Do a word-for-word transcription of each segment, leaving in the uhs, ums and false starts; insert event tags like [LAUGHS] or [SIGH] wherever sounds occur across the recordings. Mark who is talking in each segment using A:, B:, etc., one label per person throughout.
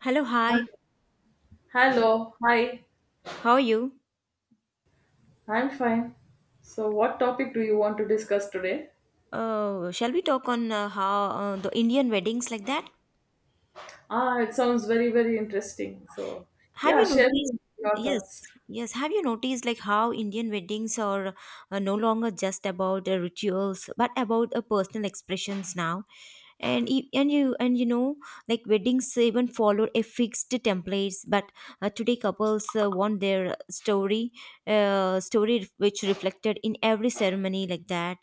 A: Hello, hi.
B: Hello, hi,
A: How are you?
B: I'm fine. So, what topic do you want to discuss today?
A: Uh, shall we talk on uh, how uh, the Indian weddings like that?
B: Ah, it sounds very, very interesting. So,
A: Have
B: yeah,
A: you
B: share
A: noticed?
B: me your
A: Yes,
B: thoughts.
A: yes. Have you noticed like how Indian weddings are uh, no longer just about uh, rituals, but about uh, personal expressions now? And e- and you and you know like weddings even follow a fixed templates, but uh, today couples uh, want their story, uh, story which reflected in every ceremony like that.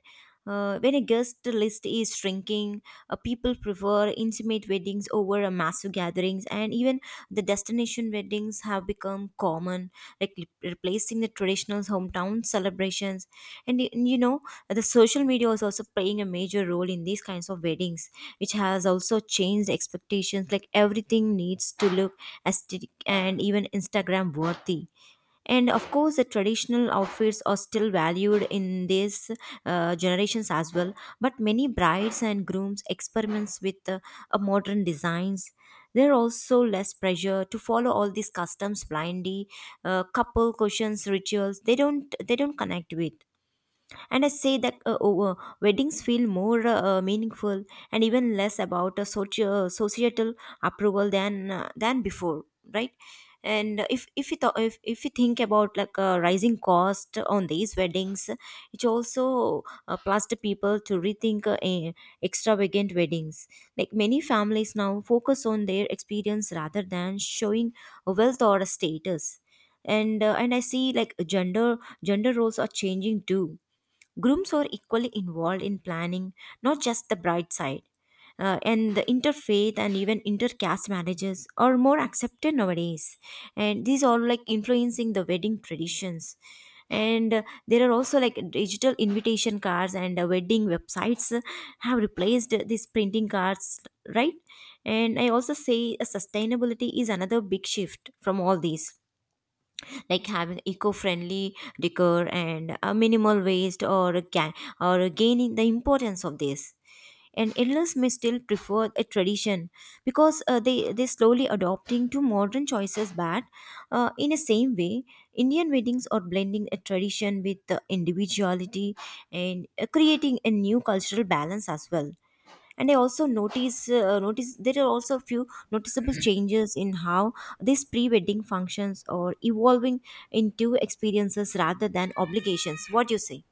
A: Uh, when a guest list is shrinking, uh, people prefer intimate weddings over uh, massive gatherings, and even the destination weddings have become common, like re- replacing the traditional hometown celebrations. And, y- and you know, the social media is also playing a major role in these kinds of weddings, which has also changed expectations. Like everything needs to look aesthetic and even Instagram worthy, and of course the traditional outfits are still valued in these uh, generations as well, but many brides and grooms experiments with uh, uh, modern designs. There are also less pressure to follow all these customs blindly. Uh, couple cushions rituals they don't they don't connect with, and I say that uh, oh, uh, weddings feel more uh, uh, meaningful and even less about a soci- uh, societal approval than uh, than before, right? And if if you th- if, if you think about like uh, rising cost on these weddings, it also uh, plus the people to rethink uh, eh, extravagant weddings, like many families now focus on their experience rather than showing wealth or status. And uh, and I see like gender gender roles are changing too. Grooms are equally involved in planning, not just the bride side. Uh, and the interfaith and even intercaste marriages are more accepted nowadays, and these are like influencing the wedding traditions. And uh, There are also like digital invitation cards and uh, wedding websites uh, have replaced these printing cards, right? And I also say uh, sustainability is another big shift from all these, like having eco-friendly decor and a minimal waste or can or gaining the importance of this. And elders may still prefer a tradition because uh, they they slowly adopting to modern choices, but uh, in the same way Indian weddings are blending a tradition with uh, individuality, and uh, creating a new cultural balance as well. And I also notice uh, notice there are also a few noticeable changes in how these pre-wedding functions are evolving into experiences rather than obligations. What do you say?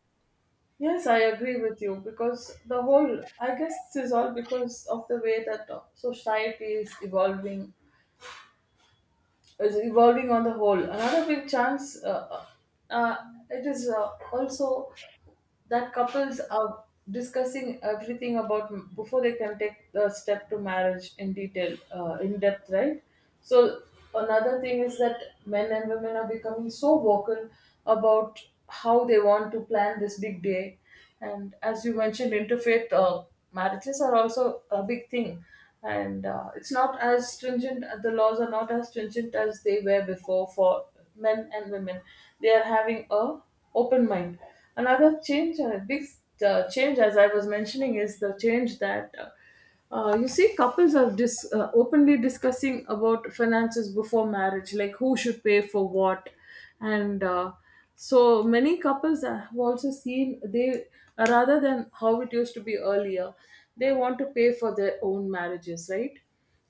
B: Yes, I agree with you because the whole, I guess, this is all because of the way that uh, society is evolving is evolving on the whole. Another big chance, uh, uh, uh, it is uh, also that couples are discussing everything about m- before they can take the step to marriage in detail, uh, in depth, right? So another thing is that men and women are becoming so vocal about how they want to plan this big day, and as you mentioned, interfaith uh, marriages are also a big thing. And uh, it's not as stringent, uh, the laws are not as stringent as they were before for men and women. They are having a open mind. Another change, a big uh, change, as I was mentioning, is the change that uh, uh, you see couples are dis- uh, openly discussing about finances before marriage, like who should pay for what. And uh, so many couples I have also seen, they, rather than how it used to be earlier, they want to pay for their own marriages, right?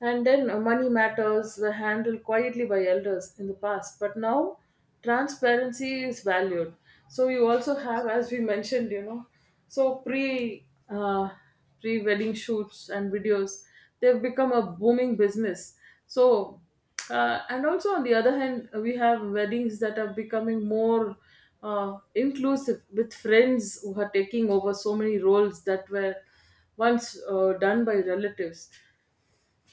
B: And then uh, money matters were handled quietly by elders in the past, but now transparency is valued. So you also have, as we mentioned, you know, so pre uh, pre wedding shoots and videos, they've become a booming business. So uh, and also, on the other hand, we have weddings that are becoming more uh, inclusive, with friends who are taking over so many roles that were once uh, done by relatives.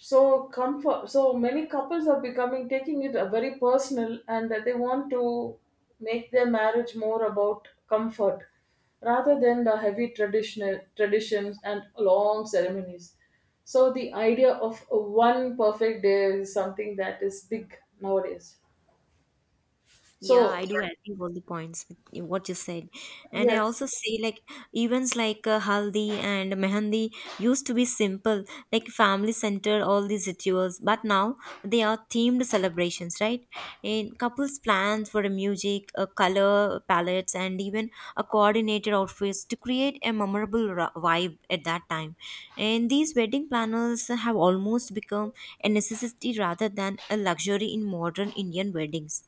B: So comfort, so many couples are becoming taking it a very personal, and that they want to make their marriage more about comfort rather than the heavy traditional traditions and long ceremonies. So the idea of one perfect day is something that is big nowadays.
A: Yeah,
B: So
A: I do agree with all the points with you, what you said, and I
B: yes.
A: also say like events like uh, haldi and mehendi used to be simple, like family centered all these rituals, but now they are themed celebrations, right? And couples plans for the music, uh, color palettes, and even a coordinated outfits to create a memorable ra- vibe at that time. And these wedding planners have almost become a necessity rather than a luxury in modern Indian weddings.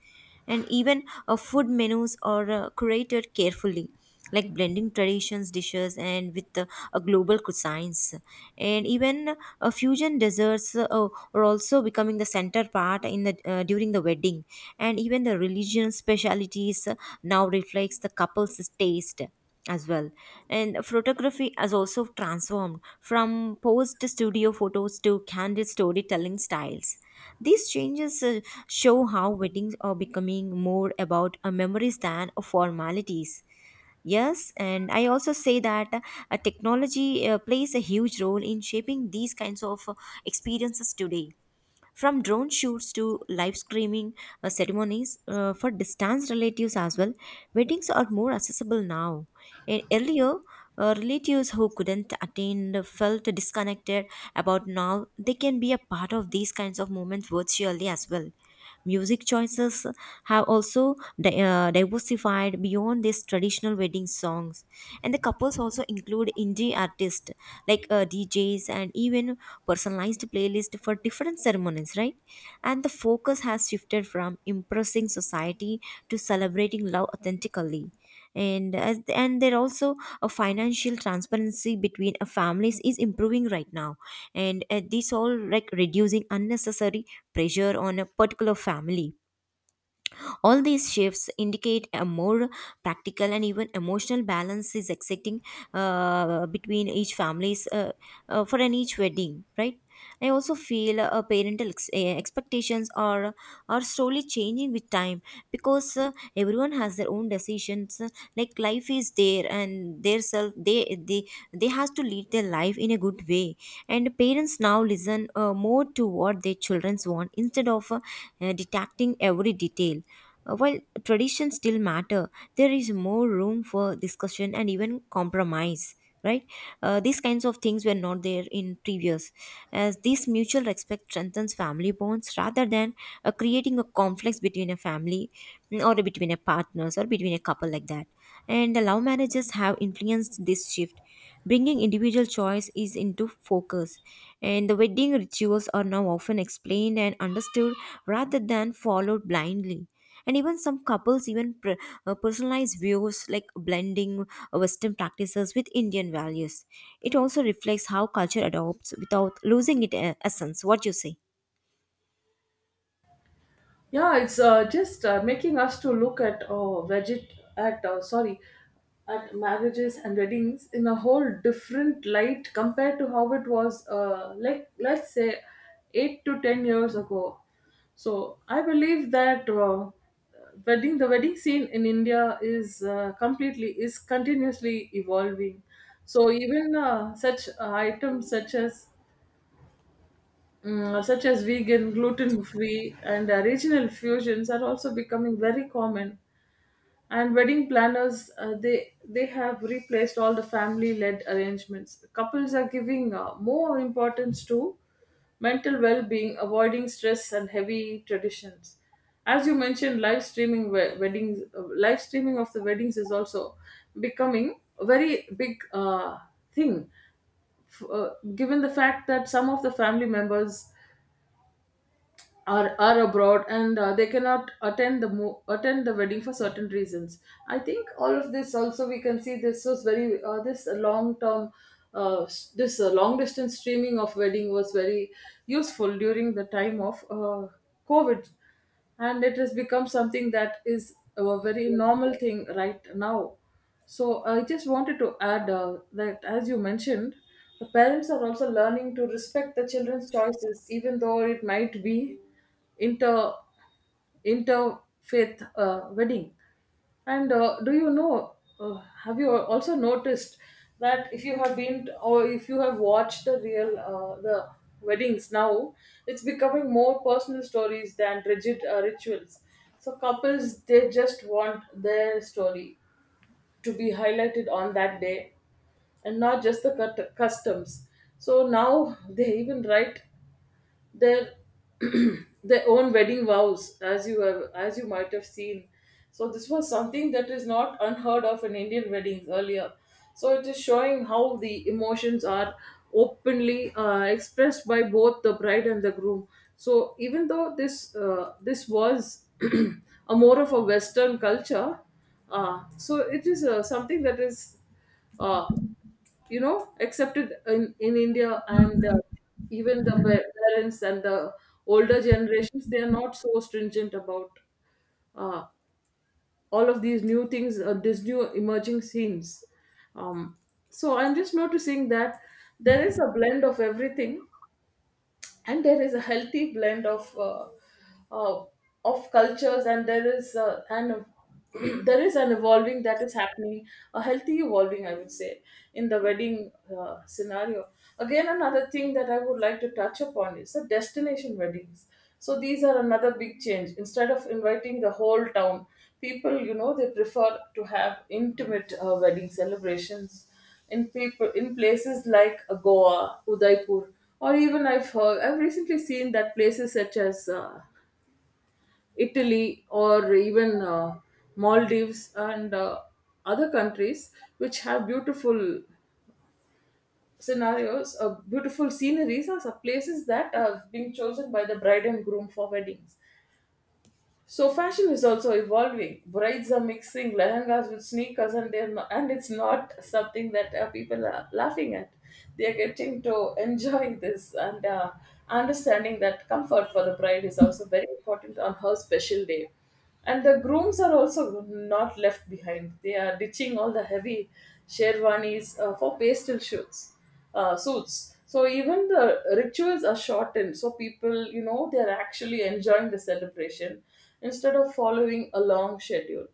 A: And even uh, food menus are uh, curated carefully, like blending traditions dishes and with uh, a global cuisines, and even uh, fusion desserts uh, are also becoming the center part in the uh, during the wedding. And even the religion specialities uh, now reflects the couple's taste as well. And photography has also transformed from posed studio photos to candid storytelling styles. These changes uh, show how weddings are becoming more about uh, memories than uh, formalities. Yes, and I also say that uh, uh, technology uh, plays a huge role in shaping these kinds of uh, experiences today, from drone shoots to live streaming uh, ceremonies uh, for distant relatives as well. Weddings are more accessible now. E- Earlier, uh, relatives who couldn't attend felt disconnected, about now they can be a part of these kinds of moments virtually as well. Music choices have also di- uh, diversified beyond these traditional wedding songs. And the couples also include indie artists like uh, D Js and even personalized playlist for different ceremonies, right? And the focus has shifted from impressing society to celebrating love authentically. And as, and there also a financial transparency between uh, families is improving right now. And uh, This all like reducing unnecessary pressure on a particular family. All these shifts indicate a more practical and even emotional balance is existing uh, between each families uh, uh, for an each wedding, right? I also feel uh, parental ex- eh, expectations are are slowly changing with time, because uh, everyone has their own decisions. Uh, Like life is there and their self they they they has to lead their life in a good way. And parents now listen uh, more to what their children want instead of uh, eh, detecting every detail. Uh, while traditions still matter, there is more room for discussion and even compromise. Right, uh, these kinds of things were not there in previous, as this mutual respect strengthens family bonds rather than uh, creating a conflict between a family, mm, or between a partners or between a couple like that. And the love marriages have influenced this shift, bringing individual choice is into focus, and the wedding rituals are now often explained and understood rather than followed blindly. And even some couples even pr- uh, personalize views like blending uh, Western practices with Indian values. It also reflects how culture adopts without losing its uh, essence. What you say?
B: Yeah, it's uh, just uh, making us to look at uh, veget at uh, sorry, at marriages and weddings in a whole different light compared to how it was, uh, like let's say eight to ten years ago. So I believe that uh, wedding the wedding scene in India is uh, completely is continuously evolving. So even uh, such items such as Mm, uh, such as vegan, gluten free, and uh, regional fusions are also becoming very common. And wedding planners, uh, they they have replaced all the family-led arrangements. Couples are giving uh, more importance to mental well-being, avoiding stress and heavy traditions. As you mentioned, live streaming we- weddings, uh, live streaming of the weddings is also becoming a very big uh, thing, f- uh, given the fact that some of the family members are, are abroad, and uh, they cannot attend the mo- attend the wedding for certain reasons. I think all of this also, we can see this was very uh, this long term uh, s- this uh, long distance streaming of wedding was very useful during the time of uh, COVID, and it has become something that is a very normal thing right now. So I just wanted to add uh, that as you mentioned, the parents are also learning to respect the children's choices, even though it might be inter interfaith uh, wedding. And uh, do you know, uh, have you al- also noticed that, if you have been t- or if you have watched the real uh, the weddings now, it's becoming more personal stories than rigid uh, rituals. So couples, they just want their story to be highlighted on that day, and not just the cut- customs. So now [LAUGHS] they even write their [CLEARS THROAT] their own wedding vows, as you have, as you might have seen. So this was something that is not unheard of in Indian weddings earlier. So it is showing how the emotions are openly uh, expressed by both the bride and the groom. So even though this uh, this was [CLEARS THROAT] a more of a western culture, uh, so it is uh, something that is uh, you know, accepted in, in India. And uh, even the pa- parents and the older generations, they are not so stringent about uh, all of these new things, uh, these new emerging scenes. um, so I'm just noticing that there is a blend of everything, and there is a healthy blend of uh, uh, of cultures, and there is uh, an [CLEARS THROAT] there is an evolving that is happening, a healthy evolving I would say, in the wedding uh, scenario. Again, another thing that I would like to touch upon is the destination weddings. So these are another big change. Instead of inviting the whole town, people, you know, they prefer to have intimate uh, wedding celebrations in people in places like Goa, Udaipur, or even I've heard, I've recently seen that places such as uh, Italy, or even uh, Maldives, and uh, other countries which have beautiful scenarios, uh, beautiful sceneries, are some places that are being chosen by the bride and groom for weddings. So fashion is also evolving. Brides are mixing lehengas with sneakers, and they're not, and it's not something that uh, people are laughing at. They are getting to enjoy this, and uh, understanding that comfort for the bride is also very important on her special day. And the grooms are also not left behind. They are ditching all the heavy sherwanis uh, for pastel shoots uh, suits. So even the rituals are shortened. So people, you know, they're actually enjoying the celebration instead of following a long schedule.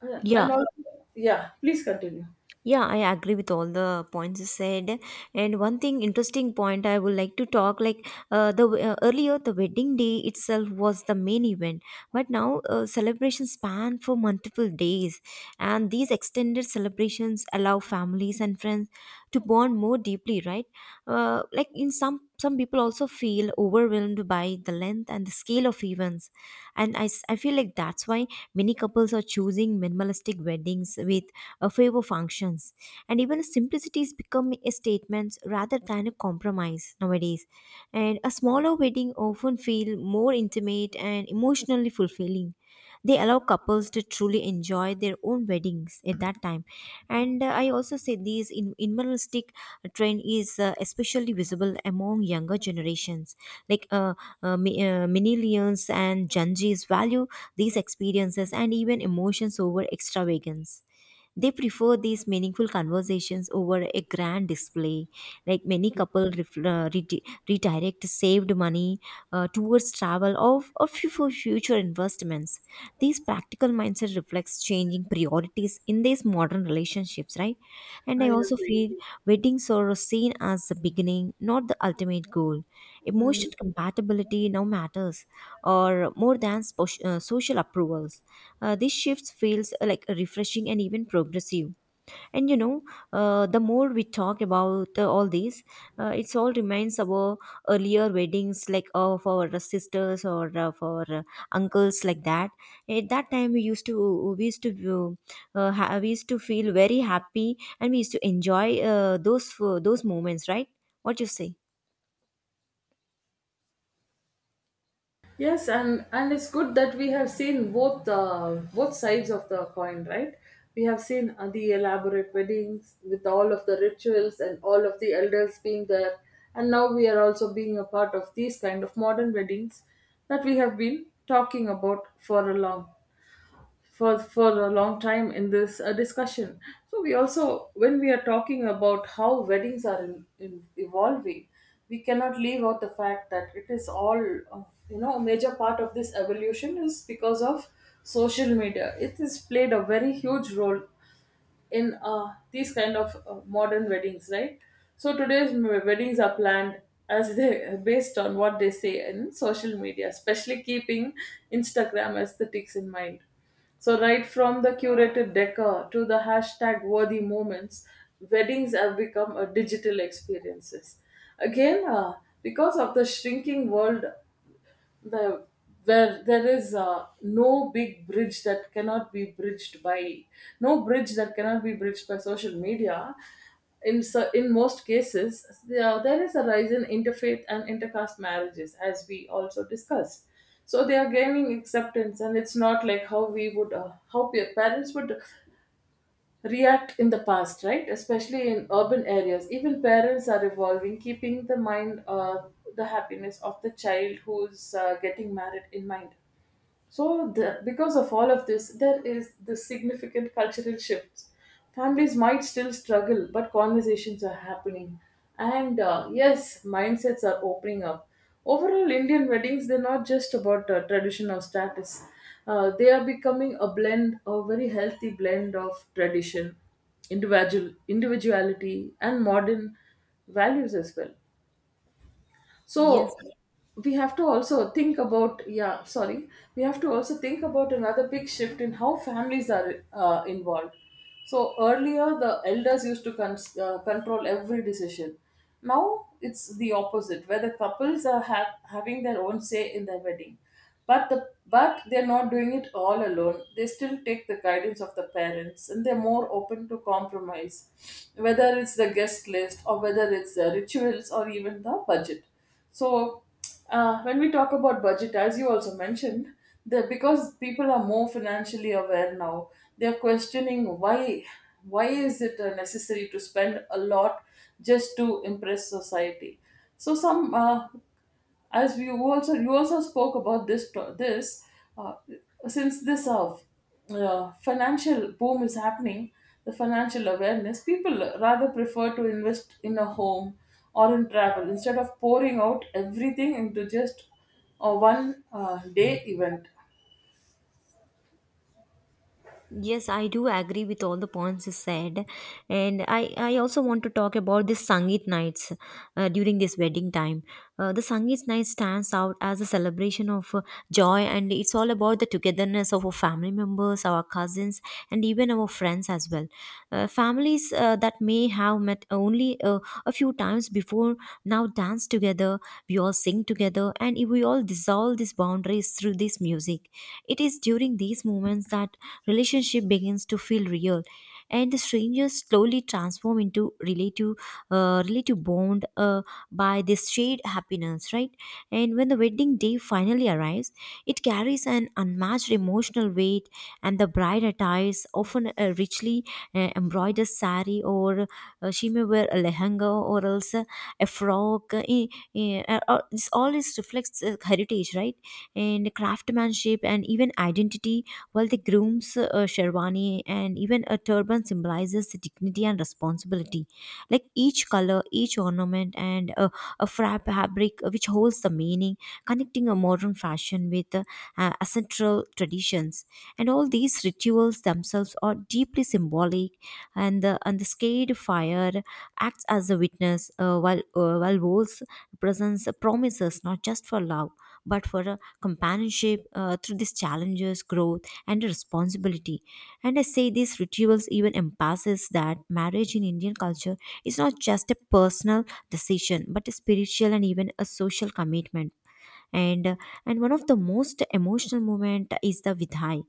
B: Uh,
A: Yeah,
B: And also, yeah, please continue.
A: Yeah, I agree with all the points you said. And one thing interesting point I would like to talk like uh, the uh, earlier the wedding day itself was the main event, but now uh, celebrations span for multiple days, and these extended celebrations allow families and friends to bond more deeply, right? Uh, like in some some people also feel overwhelmed by the length and the scale of events, and I, s- I feel like that's why many couples are choosing minimalistic weddings with a favor functions, and even simplicity is becoming a statement rather than a compromise nowadays. And a smaller wedding often feel more intimate and emotionally fulfilling. They allow couples to truly enjoy their own weddings at that time. And uh, I also say this in- minimalistic trend is uh, especially visible among younger generations, like uh, uh, mi- uh, millennials and gen Z's value these experiences and even emotions over extravagance. They prefer these meaningful conversations over a grand display. Like many couple ref- uh, redi- redirect saved money uh, towards travel of or fu- for future investments. These practical mindset reflects changing priorities in this modern modern relationships, right? And I
B: I
A: also
B: agree.
A: feel weddings are seen as the beginning, not the ultimate goal. Emotional compatibility now matters, or more than spo- uh, social approvals. Uh, this shift feels uh, like refreshing and even progressive. And you know, uh, the more we talk about uh, all these, uh, it's all reminds our earlier weddings, like uh, of our sisters, or uh, of our uh, uncles like that. At that time, we used to we used to uh, uh, ha- we used to feel very happy and we used to enjoy uh, those uh, those moments, right? What you say?
B: Yes, and and it's good that we have seen both uh, both sides of the coin, right? We have seen uh, the elaborate weddings with all of the rituals and all of the elders being there, and now we are also being a part of these kind of modern weddings that we have been talking about for a long for for a long time in this uh, discussion. So we also, when we are talking about how weddings are in, in evolving, we cannot leave out the fact that it is all uh, you know, a major part of this evolution is because of social media. It has played a very huge role in uh, these kind of uh, modern weddings, right? So today's m- weddings are planned as they [LAUGHS] based on what they say in social media, especially keeping Instagram aesthetics in mind. So right from the curated decor to the hashtag worthy moments, weddings have become a digital experiences. Again, uh, because of the shrinking world, the where there is uh, no big bridge that cannot be bridged by no bridge that cannot be bridged by social media In so, in most cases there, there is a rise in interfaith and intercaste marriages, as we also discussed. So they are gaining acceptance, and it's not like how we would uh, how pa- parents would react in the past, right? Especially in urban areas. Even parents are evolving, keeping the mind, uh, the happiness of the child who's uh, getting married in mind. So, the, because of all of this, there is this significant cultural shifts. Families might still struggle, but conversations are happening. And uh, yes, mindsets are opening up. Overall, Indian weddings, they're not just about uh, tradition or status. Uh, they are becoming a blend, a very healthy blend of tradition, individual, individuality, and modern values as well.
A: Yes.
B: So we have to also think about, yeah, sorry, we have to also think about another big shift in how families are uh, involved. So earlier the elders used to cons- uh, control every decision. Now it's the opposite, where the couples are ha- having their own say in their wedding. But the but they're not doing it all alone. They still take the guidance of the parents, and they're more open to compromise, whether it's the guest list, or whether it's the rituals, or even the budget. So, uh, when we talk about budget, as you also mentioned, that because people are more financially aware now, they're questioning why why is it uh, necessary to spend a lot just to impress society. So, some uh, as we also, you also spoke about this to- this uh, since this uh, uh, financial boom is happening, the financial awareness, people rather prefer to invest in a home, or in travel, instead of pouring out everything into just a one uh, day event.
A: Yes, I do agree with all the points you said, and I, I also want to talk about this Sangeet nights uh, during this wedding time. Uh, the Sangeet night stands out as a celebration of uh, joy, and it's all about the togetherness of our family members, our cousins, and even our friends as well. Uh, families uh, that may have met only uh, a few times before now dance together. We all sing together, and we all dissolve these boundaries through this music. It is during these moments that relationship begins to feel real, and the strangers slowly transform into relative, uh, relative bond uh, by this shared happiness, right? And when the wedding day finally arrives, it carries an unmatched emotional weight. And the bride attires often a richly uh, embroidered sari, or uh, she may wear a lehenga, or else a, a frock. Uh, eh, eh, uh, uh, this all is reflects uh, heritage, right? And craftsmanship and even identity, while the groom's uh, sherwani and even a turban symbolizes dignity and responsibility. Like each color, each ornament, and a, a fra- fabric which holds the meaning, connecting a modern fashion with uh, uh, ancestral traditions. And all these rituals themselves are deeply symbolic, and the and the scared fire acts as a witness, uh, while uh, while wolves represents promises not just for love, but for uh, companionship uh, through these challenges, growth, and responsibility. And I say these rituals even emphasize that marriage in Indian culture is not just a personal decision, but a spiritual and even a social commitment. And uh, and one of the most emotional moment is the vidhai,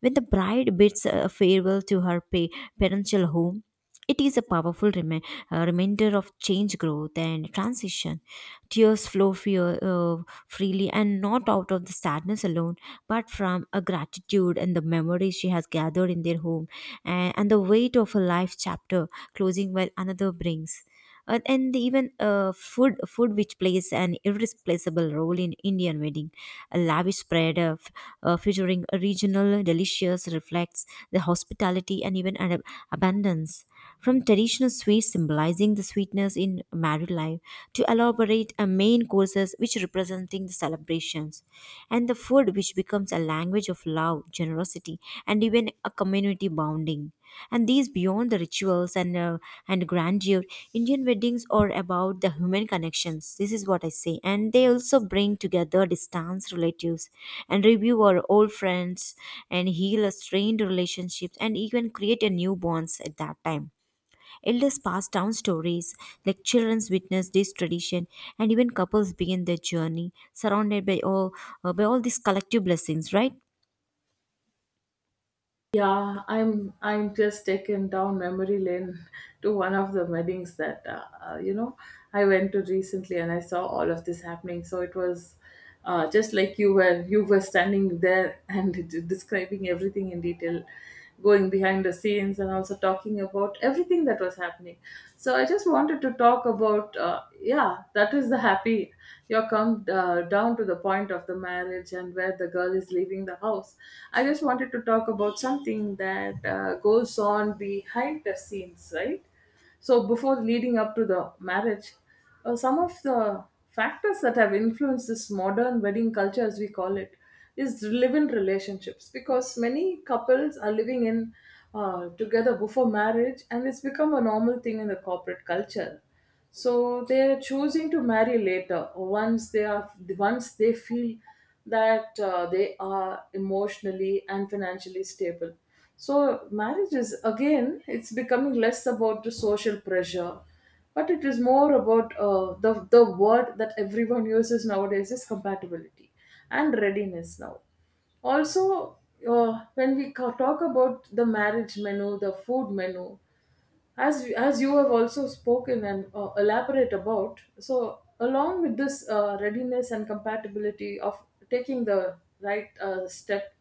A: when the bride bids uh, farewell to her pa- parental home. It is a powerful remi- uh, reminder of change, growth, and transition. Tears flow fear, uh, freely and not out of the sadness alone, but from a gratitude and the memories she has gathered in their home, and, and the weight of a life chapter closing while another brings. Uh, and even uh, food, food which plays an irreplaceable role in Indian wedding, a lavish spread of uh, featuring a regional delicious reflects the hospitality and even an ab- abundance, from traditional sweets symbolizing the sweetness in married life to elaborate a main courses which representing the celebrations, and the food which becomes a language of love, generosity, and even a community bonding. And these beyond the rituals and uh, and grandeur, indian weddings are about the human connections. This is what I say, and they also bring together distance relatives and review our old friends and heal a strained relationships and even create a new bonds at that time. Elders pass down stories, like children's witness this tradition, and even couples begin their journey surrounded by all uh, by all these collective blessings, right?
B: Yeah, I'm I'm just taken down memory lane [LAUGHS] to one of the weddings that uh, uh, you know, I went to recently, and I saw all of this happening. So it was uh, just like you were you were standing there and [LAUGHS] describing everything in detail, going behind the scenes and also talking about everything that was happening. So I just wanted to talk about uh, yeah that is the happy, you come uh, down to the point of the marriage and where the girl is leaving the house. I just wanted to talk about something that uh, goes on behind the scenes, right? So, before leading up to the marriage, uh, some of the factors that have influenced this modern wedding culture, as we call it, is live-in relationships, because many couples are living in uh, together before marriage, and it's become a normal thing in the corporate culture. So they're choosing to marry later once they are, once they feel that uh, they are emotionally and financially stable. So, marriage is, again, it's becoming less about the social pressure, but it is more about uh, the, the word that everyone uses nowadays is compatibility and readiness now. Also, uh, when we ca- talk about the marriage menu, the food menu, as you, as you have also spoken and uh, elaborate about. So along with this uh, readiness and compatibility of taking the right uh, step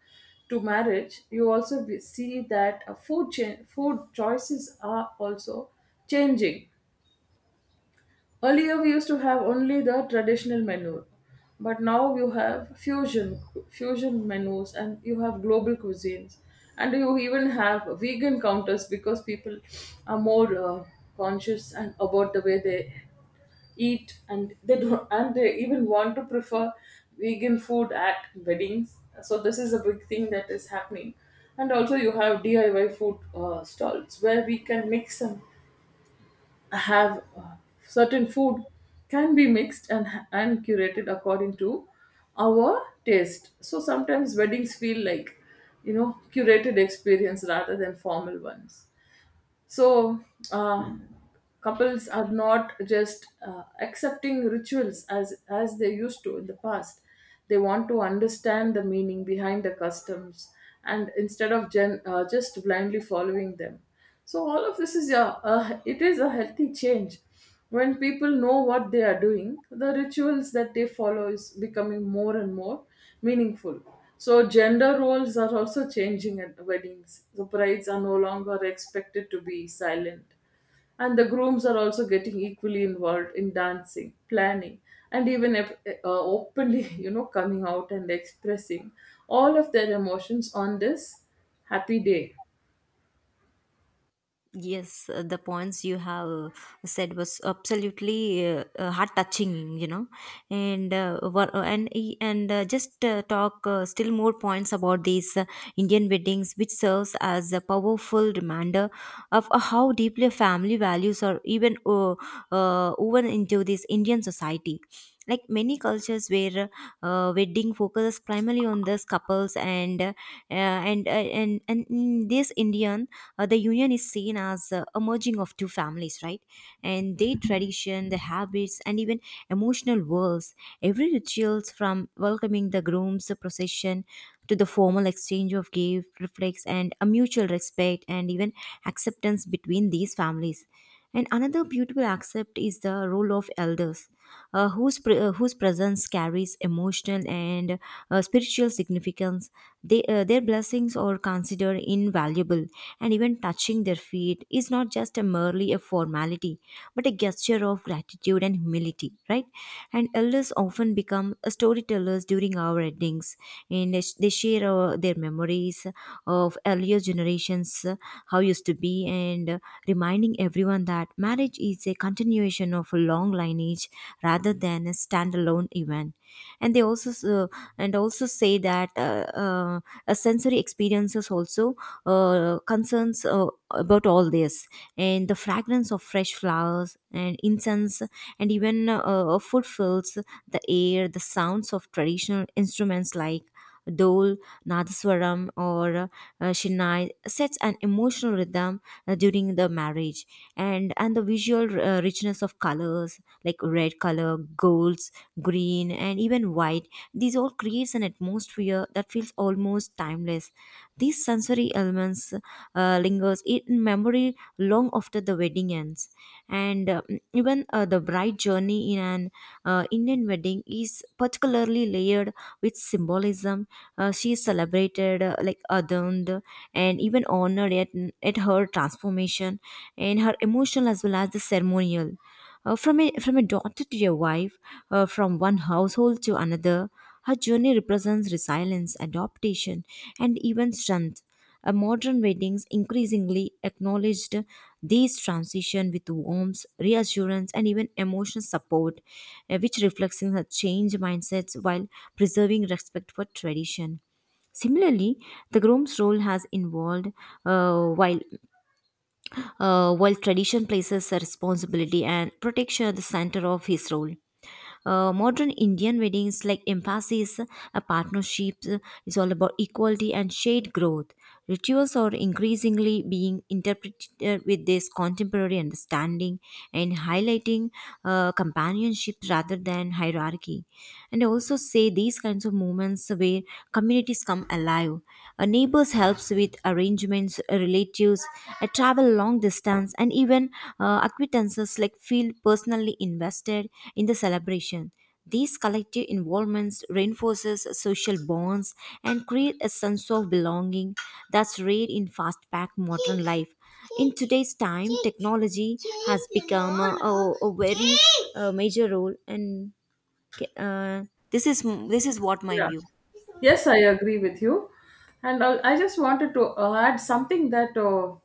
B: to marriage, you also be- see that uh, food cha- food choices are also changing. Earlier, we used to have only the traditional menu, but now you have fusion fusion menus, and you have global cuisines, and you even have vegan counters, because people are more uh, conscious and about the way they eat, and they don't, and they even want to prefer vegan food at weddings. So this is a big thing that is happening, and also you have D I Y food uh, stalls where we can mix and have uh, certain food, can be mixed and and curated according to our taste. So sometimes weddings feel like, you know, curated experience rather than formal ones. So, uh, couples are not just uh, accepting rituals as as they used to in the past. They want to understand the meaning behind the customs, and instead of gen, uh, just blindly following them. So all of this is a, a it is a healthy change. When people know what they are doing, the rituals that they follow is becoming more and more meaningful. So gender roles are also changing at weddings. The brides are no longer expected to be silent, and the grooms are also getting equally involved in dancing, planning, and even ep- uh, openly [LAUGHS] you know coming out and expressing all of their emotions on this happy day.
A: Yes, uh, the points you have uh, said was absolutely uh, uh, heart touching, you know, and uh, wha- uh, and e- and uh, just uh, talk uh, still more points about these uh, Indian weddings, which serves as a powerful reminder of uh, how deeply family values are even uh, uh, woven into this Indian society. Like many cultures where uh, wedding focuses primarily on these couples, and uh, and uh, and and in this indian, uh, the union is seen as uh, a merging of two families, right? And their tradition, the habits, and even emotional worlds. Every rituals from welcoming the groom's procession to the formal exchange of gift reflects and a mutual respect and even acceptance between these families. And another beautiful aspect is the role of elders, uh, whose, pre- uh, whose presence carries emotional and uh, spiritual significance. They, uh, their blessings are considered invaluable, and even touching their feet is not just a merely a formality, but a gesture of gratitude and humility, right? And elders often become storytellers during our weddings, and they, sh- they share uh, their memories of earlier generations, uh, how used to be, and uh, reminding everyone that marriage is a continuation of a long lineage rather than a standalone event. And they also s- uh, and also say that uh, uh, a sensory experiences also uh, concerns uh, about all this, and the fragrance of fresh flowers and incense and even uh, uh, food fills the air. The sounds of traditional instruments like dole, nadaswaram, or uh, shinai sets an emotional rhythm uh, during the marriage. And and the visual uh, richness of colors like red color, golds, green, and even white, these all creates an atmosphere that feels almost timeless. These sensory elements uh, lingers in memory long after the wedding ends. And uh, even uh, The bride journey in an uh, indian wedding is particularly layered with symbolism. Uh, she is celebrated, uh, like adorned and even honored at, at her transformation, and her emotional as well as the ceremonial. Uh, from, a, from a daughter to a wife, uh, from one household to another, her journey represents resilience, adaptation, and even strength. Uh, modern weddings increasingly acknowledged these transition with warmth, reassurance, and even emotional support, uh, which reflects in her change mindsets while preserving respect for tradition. Similarly, the groom's role has involved. uh, while uh, while tradition places a responsibility and protection at the center of his role, Uh, modern Indian weddings like emphasis, a partnership is all about equality and shared growth. Rituals are increasingly being interpreted uh, with this contemporary understanding and highlighting uh, companionship rather than hierarchy. And I also say these kinds of moments where communities come alive. Uh, neighbors helps with arrangements, relatives, a travel long distance, and even uh, acquaintances like feel personally invested in the celebration. These collective involvements reinforces social bonds and create a sense of belonging that's rare in fast-paced modern life. In today's time, technology has become a, a, a very uh, major role, and uh, this is this is what my
B: Yeah.
A: view.
B: Yes, I agree with you. And I I just wanted to uh, add something that uh,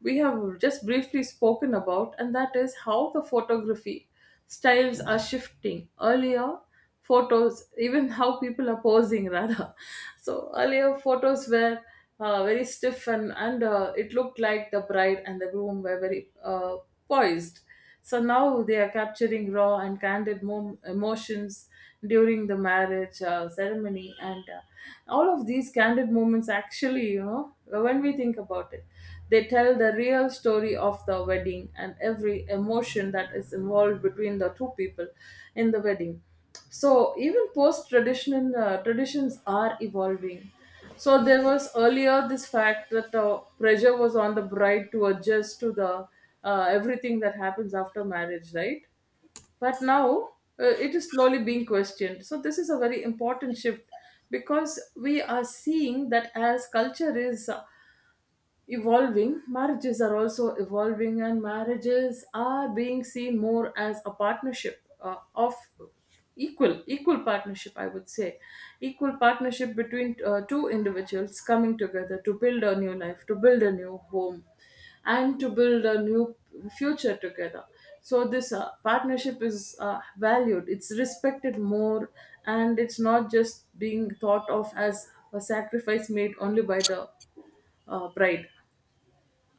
B: we have just briefly spoken about, and that is how the photography styles are shifting. Earlier, photos, even how people are posing, [LAUGHS] rather. So, earlier, photos were uh, very stiff, and, and uh, it looked like the bride and the groom were very uh, poised. So now they are capturing raw and candid mo- emotions during the marriage uh, ceremony, and uh, all of these candid moments, actually, you know, when we think about it, they tell the real story of the wedding and every emotion that is involved between the two people in the wedding. So even post traditional uh, traditions are evolving. So there was earlier this fact that uh, pressure was on the bride to adjust to the uh, everything that happens after marriage, right? But now, uh, it is slowly being questioned. So this is a very important shift, because we are seeing that as culture is evolving, marriages are also evolving, and marriages are being seen more as a partnership uh, of equal equal partnership, I would say, equal partnership between uh, two individuals coming together to build a new life, to build a new home, and to build a new future together. So this uh, partnership is uh, valued, it's respected more, and it's not just being thought of as a sacrifice made only by the uh, bride.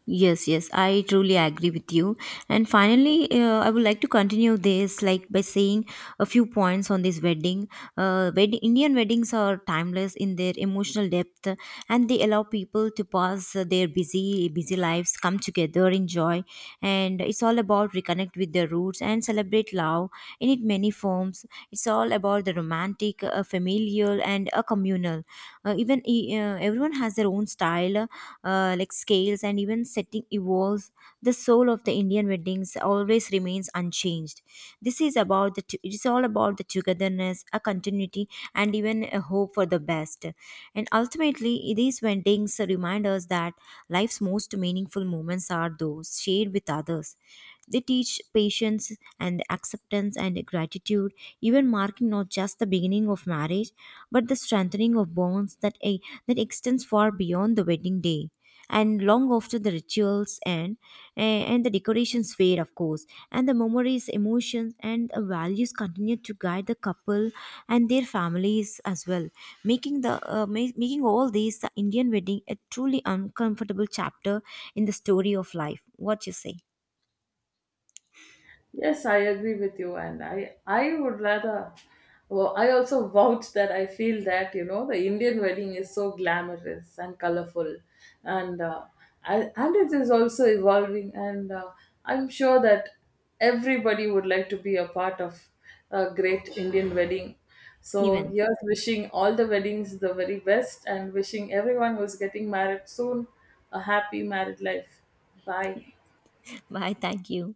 A: Yes, yes, I truly agree with you. And finally, uh, I would like to continue this like by saying a few points on this wedding. Uh, wed- Indian weddings are timeless in their emotional depth, uh, and they allow people to pass uh, their busy, busy lives, come together, enjoy, and it's all about reconnect with their roots and celebrate love in it many forms. It's all about the romantic, uh, familial, and a communal. Uh, even e- uh, everyone has their own style, uh, like scales, and even setting evolves. The soul of the Indian weddings always remains unchanged. This is about the. T- It is all about the togetherness, a continuity, and even a hope for the best. And ultimately, these weddings remind us that life's most meaningful moments are those shared with others. They teach patience and acceptance and gratitude, even marking not just the beginning of marriage, but the strengthening of bonds that, eh, that extends far beyond the wedding day. And long after the rituals end, eh, and the decorations fade, of course, and the memories, emotions, and uh, values continue to guide the couple and their families as well, making the uh, ma- making all these the Indian wedding a truly uncomfortable chapter in the story of life. What you say,
B: Yes, I agree with you, and I I would rather. Well, I also vouch that I feel that you know the Indian wedding is so glamorous and colorful, and uh, I, and it is also evolving, and uh, I'm sure that everybody would like to be a part of a great Indian wedding. So
A: even?
B: here's wishing all the weddings the very best, and wishing everyone who's getting married soon a happy married life. Bye.
A: Bye. Thank you.